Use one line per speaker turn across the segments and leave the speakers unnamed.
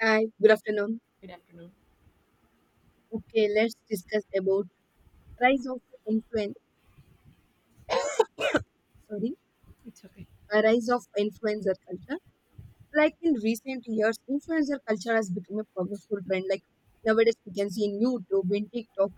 Hi, good afternoon.
Good afternoon.
Okay, let's discuss about rise of influen sorry,
It's okay.
rise of influencer culture. Like in recent years, influencer culture has become a powerful trend. Like nowadays, we can see in YouTube, in TikTok,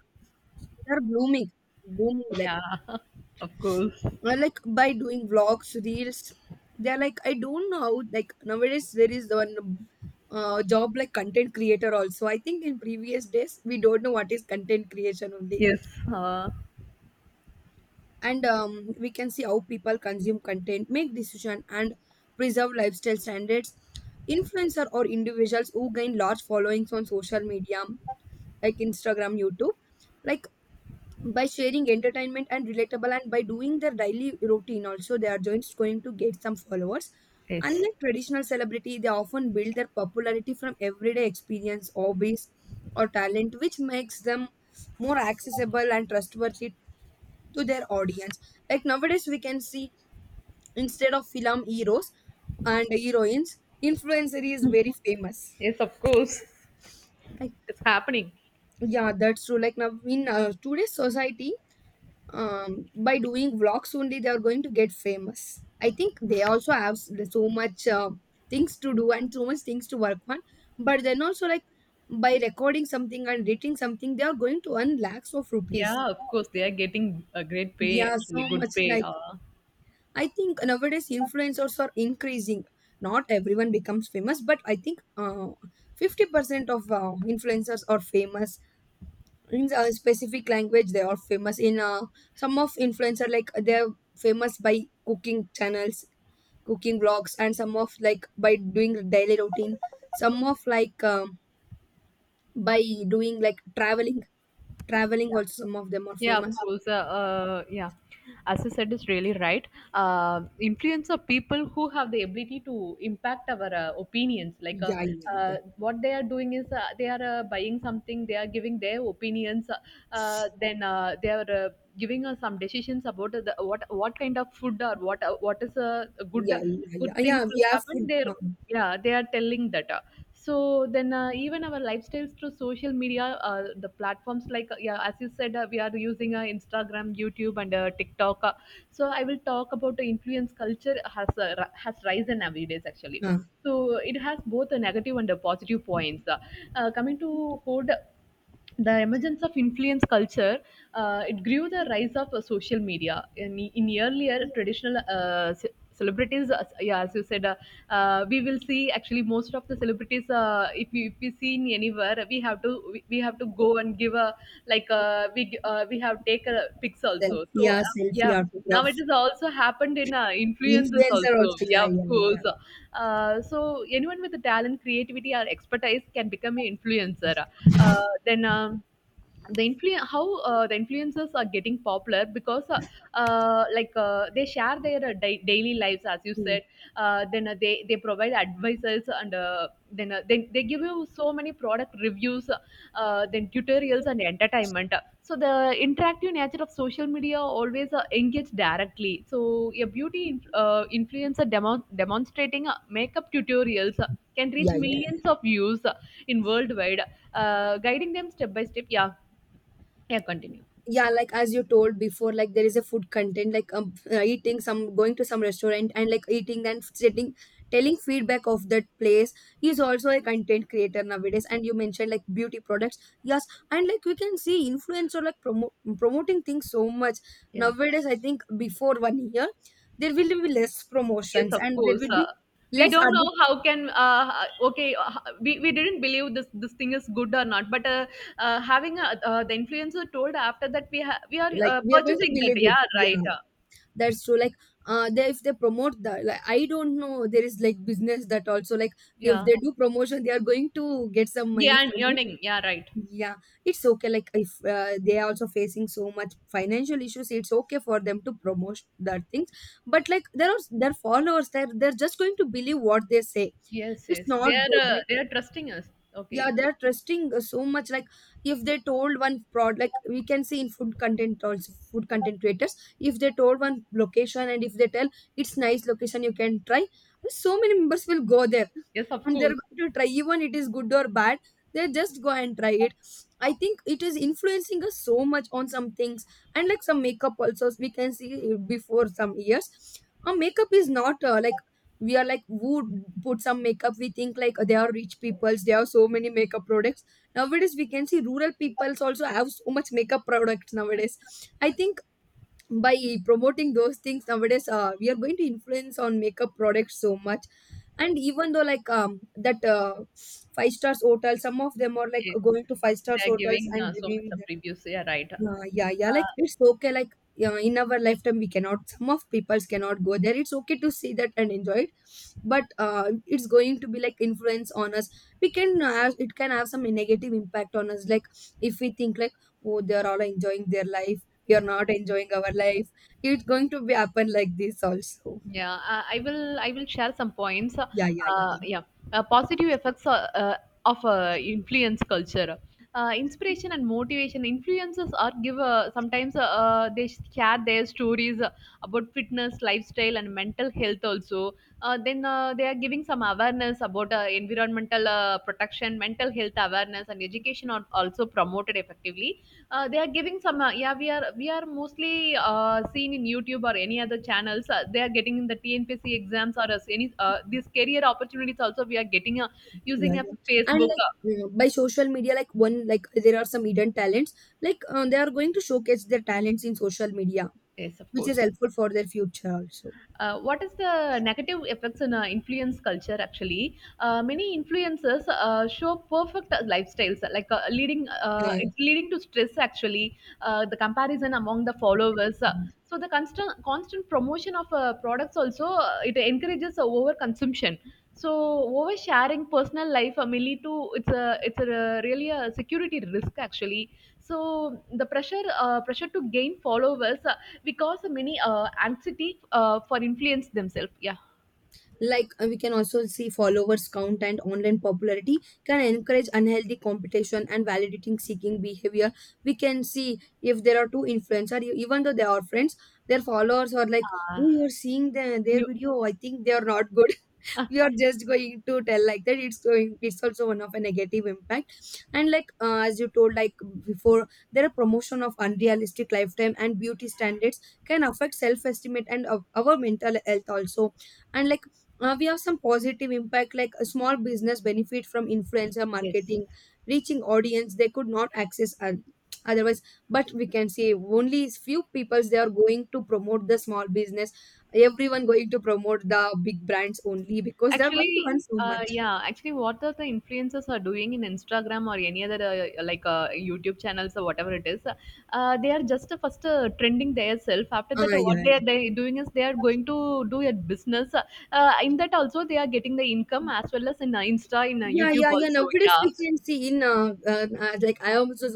they are booming. Like
Yeah, of course.
uh, like by doing vlogs, reels, they are like I don't know. Like nowadays, there is the one job like content creator also. I think in previous days, we don't know what is content creation only
Yes. Uh,
and we can see how people consume content make decision and preserve lifestyle standards influencer or individuals who gain large followings on social media like Instagram, YouTube, like by sharing entertainment and relatable and by doing their daily routine also, they are just going to get some followers.
yes.
Unlike traditional celebrity, they often build their popularity from everyday experience, hobbies or talent, which makes them more accessible and trustworthy to their audience. Like nowadays, we can see instead of film heroes and heroines, influencer is very famous.
Yes, of course.
Like
It's happening.
yeah, that's true. Like now in today's society, by doing vlogs only, they are going to get famous. I think they also have so much things to do and so much things to work on. But then also like by recording something and editing something, they are going to earn lakhs of rupees.
Yeah, of course. They are getting a great pay,
Yeah,
actually,
so
good
much
pay.
like I think nowadays influencers are increasing. Not everyone becomes famous, but I think 50% of influencers are famous in a specific language. They are famous in some of influencer like they're famous by cooking channels, cooking vlogs, and some of like by doing daily routine. Some of like by doing like traveling. Also, some of them are
Yeah,
famous.
of course. Yeah, as you said, is really right. Influence of people who have the ability to impact our opinions.
Yeah, yeah, yeah,
What they are doing is they are buying something, they are giving their opinions, then they are giving us some decisions about what kind of food or what is a good
yeah, yeah, yeah, yeah,
good things
yeah, we
will
have
happen.
food.
They are telling that. So then even our lifestyles through social media, the platforms like yeah, as you said, we are using Instagram, YouTube, and TikTok. So I will talk about the influence culture has has risen nowadays, actually.
Uh,
So it has both a negative and a positive points. Coming to food, the emergence of influence culture, it grew the rise of social media in earlier traditional celebrities. Yeah, as you said, we will see, actually, most of the celebrities. If we see in anywhere, we have to we have to go and give a like.
uh.
We have take a pics
Selfie,
also.
yeah, selfie
Yeah, now
autograph.
it has also happened in influences
Influencer
also,
also.
yeah,
Yeah,
of
yeah,
course.
yeah.
So anyone with the talent, creativity, or expertise can become an influencer. uh, then um, the influencers are getting popular because they share their daily lives, as you
Hmm.
said. Then They provide advices, and they give you so many product reviews, then tutorials and entertainment. So the interactive nature of social media always engage directly. So a beauty influencer demonstrating makeup tutorials can reach
Yeah, yeah,
millions of views in worldwide, guiding them step by step. Yeah, yeah, continue.
yeah. Like as you told before, like there is a food content, like eating some, going to some restaurant and like eating and sitting, telling feedback of that place. Is also a content creator nowadays. And you mentioned like beauty products, yes, and like we can see influencer like promoting things so much
Yeah.
nowadays. I think before 1 year, there will be less
Yes,
promotions
of
and there
course.
will be
We
less
don't
adver-
know how can okay, we didn't believe this thing is good or not. But Having a, the influencer told, after that we are
like we are going to
purchasing that,
believe it.
yeah, right.
Yeah,
uh,
that's true, like they, if they promote that, like I don't know, there is like business that also, like if
yeah
they do promotion, they are going to get some money
yeah and
from it,
earning, yeah, right.
yeah. It's okay, like if they are also facing so much financial issues, it's okay for them to promote that things. But like there are their followers, they're just going to believe what they say.
Yes,
It's
yes, they
not
are,
good.
they are trusting us.
Yeah,
Okay.
they're trusting so much, like if they told one prod like we can see in food content also, food content creators, if they told one location and if they tell it's nice location you can try, so many members will go there
Yes, of
and they're
course.
going to try, even it is good or bad, they just go and try it. I think it is influencing us so much on some things. And like some makeup also, we can see before some years a makeup is not like we are like who put some makeup we think like they are rich peoples, they have so many makeup products. Nowadays we can see rural peoples also have so much makeup products nowadays. I think by promoting those things nowadays we are going to influence on makeup products so much. And even though like that five stars hotel, some of them are like
Yes,
going to five stars
they are
hotels
giving
and
so much
reviewing.
of reviews, yeah, right.
Yeah, yeah, yeah. Like it's okay. Like yeah, in our lifetime, we cannot. Some of peoples cannot go there. It's okay to see that and enjoy it, but it's going to be like influence on us. We can have it can have some negative impact on us. Like if we think like oh they are all enjoying their life, we are not enjoying our life. It's going to be happen like this also.
Yeah, I will share some points.
Yeah, yeah, yeah, yeah,
Yeah, Positive effects of influence culture. Inspiration and motivation. Influencers are give, sometimes they share their stories about fitness, lifestyle, and mental health. Also, then they are giving some awareness about environmental protection, mental health awareness, and education are also promoted effectively. They are giving some yeah, we are, we are mostly seen in YouTube or any other channels. They are getting the TNPC exams or as any these career opportunities also. We are getting
yeah.
using a
yeah. And
Facebook.
like mm, by social media, like one, like there are some hidden talents. Like they are going to showcase their talents in social media,
Yes, of
which is
course.
helpful for their future also.
What is the negative effects in influence culture? Actually, many influencers show perfect lifestyles, leading,
Yeah.
it's leading to stress, actually. The comparison among the followers. So the constant promotion of products also, it encourages over consumption. So oversharing personal life may lead to, it's a really a security risk, actually. So the pressure, pressure to gain followers. Because many anxiety for influence themselves. Yeah.
Like we can also see followers count and online popularity can encourage unhealthy competition and validating seeking behavior. We can see if there are two influencer even though they are friends, their followers are like,
Ah,
"Oh, you're seeing the, their
you.
video. I think they are not good."
Ah.
You're just going to tell like that, it's going, it's also one of a negative impact. And like as you told like before, there are promotion of unrealistic lifetime and beauty standards, can affect self-estimate and of our mental health also. And like we have some positive impact, like a small business benefit from influencer
Yes.
marketing, reaching audience they could not access otherwise. But we can say only few peoples they are going to promote the small business, everyone going to promote the big brands only because they're going to
Actually,
earn so much.
yeah actually what are the influencers are doing in Instagram or any other, YouTube channels or whatever it is, they are just first trending their self. After
Ah,
that, what
yeah,
they
yeah,
are they doing is they are going to do a business. In that also they are getting the income, as well as in Insta, in
yeah,
YouTube
yeah, yeah.
also,
Nowadays
yeah.
we can see in like I am also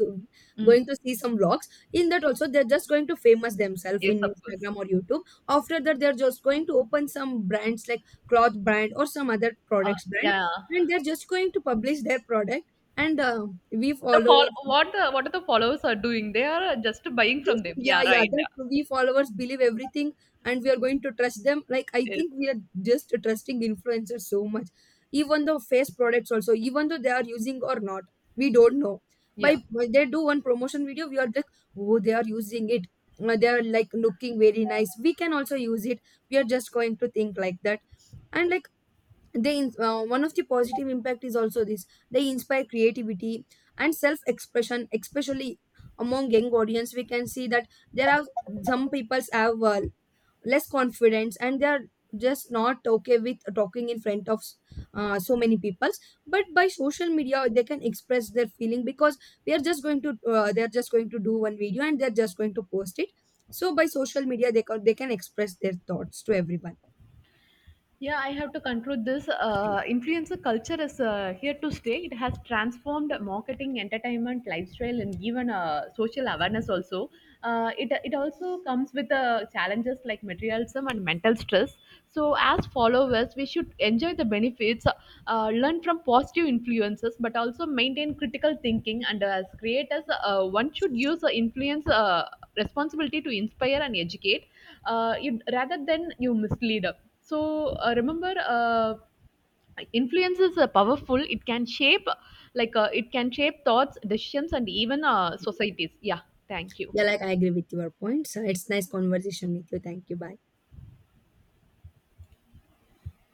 Mm.
going to see some vlogs. In that also they're just going to famous themselves
Yes,
in
of course.
Instagram or YouTube. After that they're just going to open some brands like cloth brand or some other
uh,
products brand,
yeah.
and they're just going to publish their product. And we
The fall,
follow
what the what are the followers are doing, they are just buying from
just
them.
yeah,
Yeah,
yeah,
right.
that
Yeah.
we followers believe everything and we are going to trust them. Like I
Yes.
think we are just trusting influencers so much. Even though face products also, even though they are using or not, we don't know. By
Yeah.
when they do one promotion video, we are like, oh, they are using it. They are like looking very nice. We can also use it. We are just going to think like that. And like one of the positive impact is also this, they inspire creativity and self expression especially among young audience. We can see that there are some peoples have less confidence and they are just not okay with talking in front of so many peoples, but by social media they can express their feeling, because we are just going to they're just going to do one video and they're just going to post it. So by social media they can express their thoughts to everyone.
Yeah, I have to conclude this. Influencer culture is here to stay. It has transformed marketing, entertainment, lifestyle, and given social awareness also. It also comes with challenges like materialism and mental stress. So, as followers, we should enjoy the benefits, learn from positive influences, but also maintain critical thinking. And as creators, one should use the influence responsibility to inspire and educate you, rather than you mislead. So remember, influence is powerful. It can shape, it can shape thoughts, decisions, and even societies. Yeah, thank you.
Yeah, like I agree with your points. It's nice conversation with you. Thank you. Bye.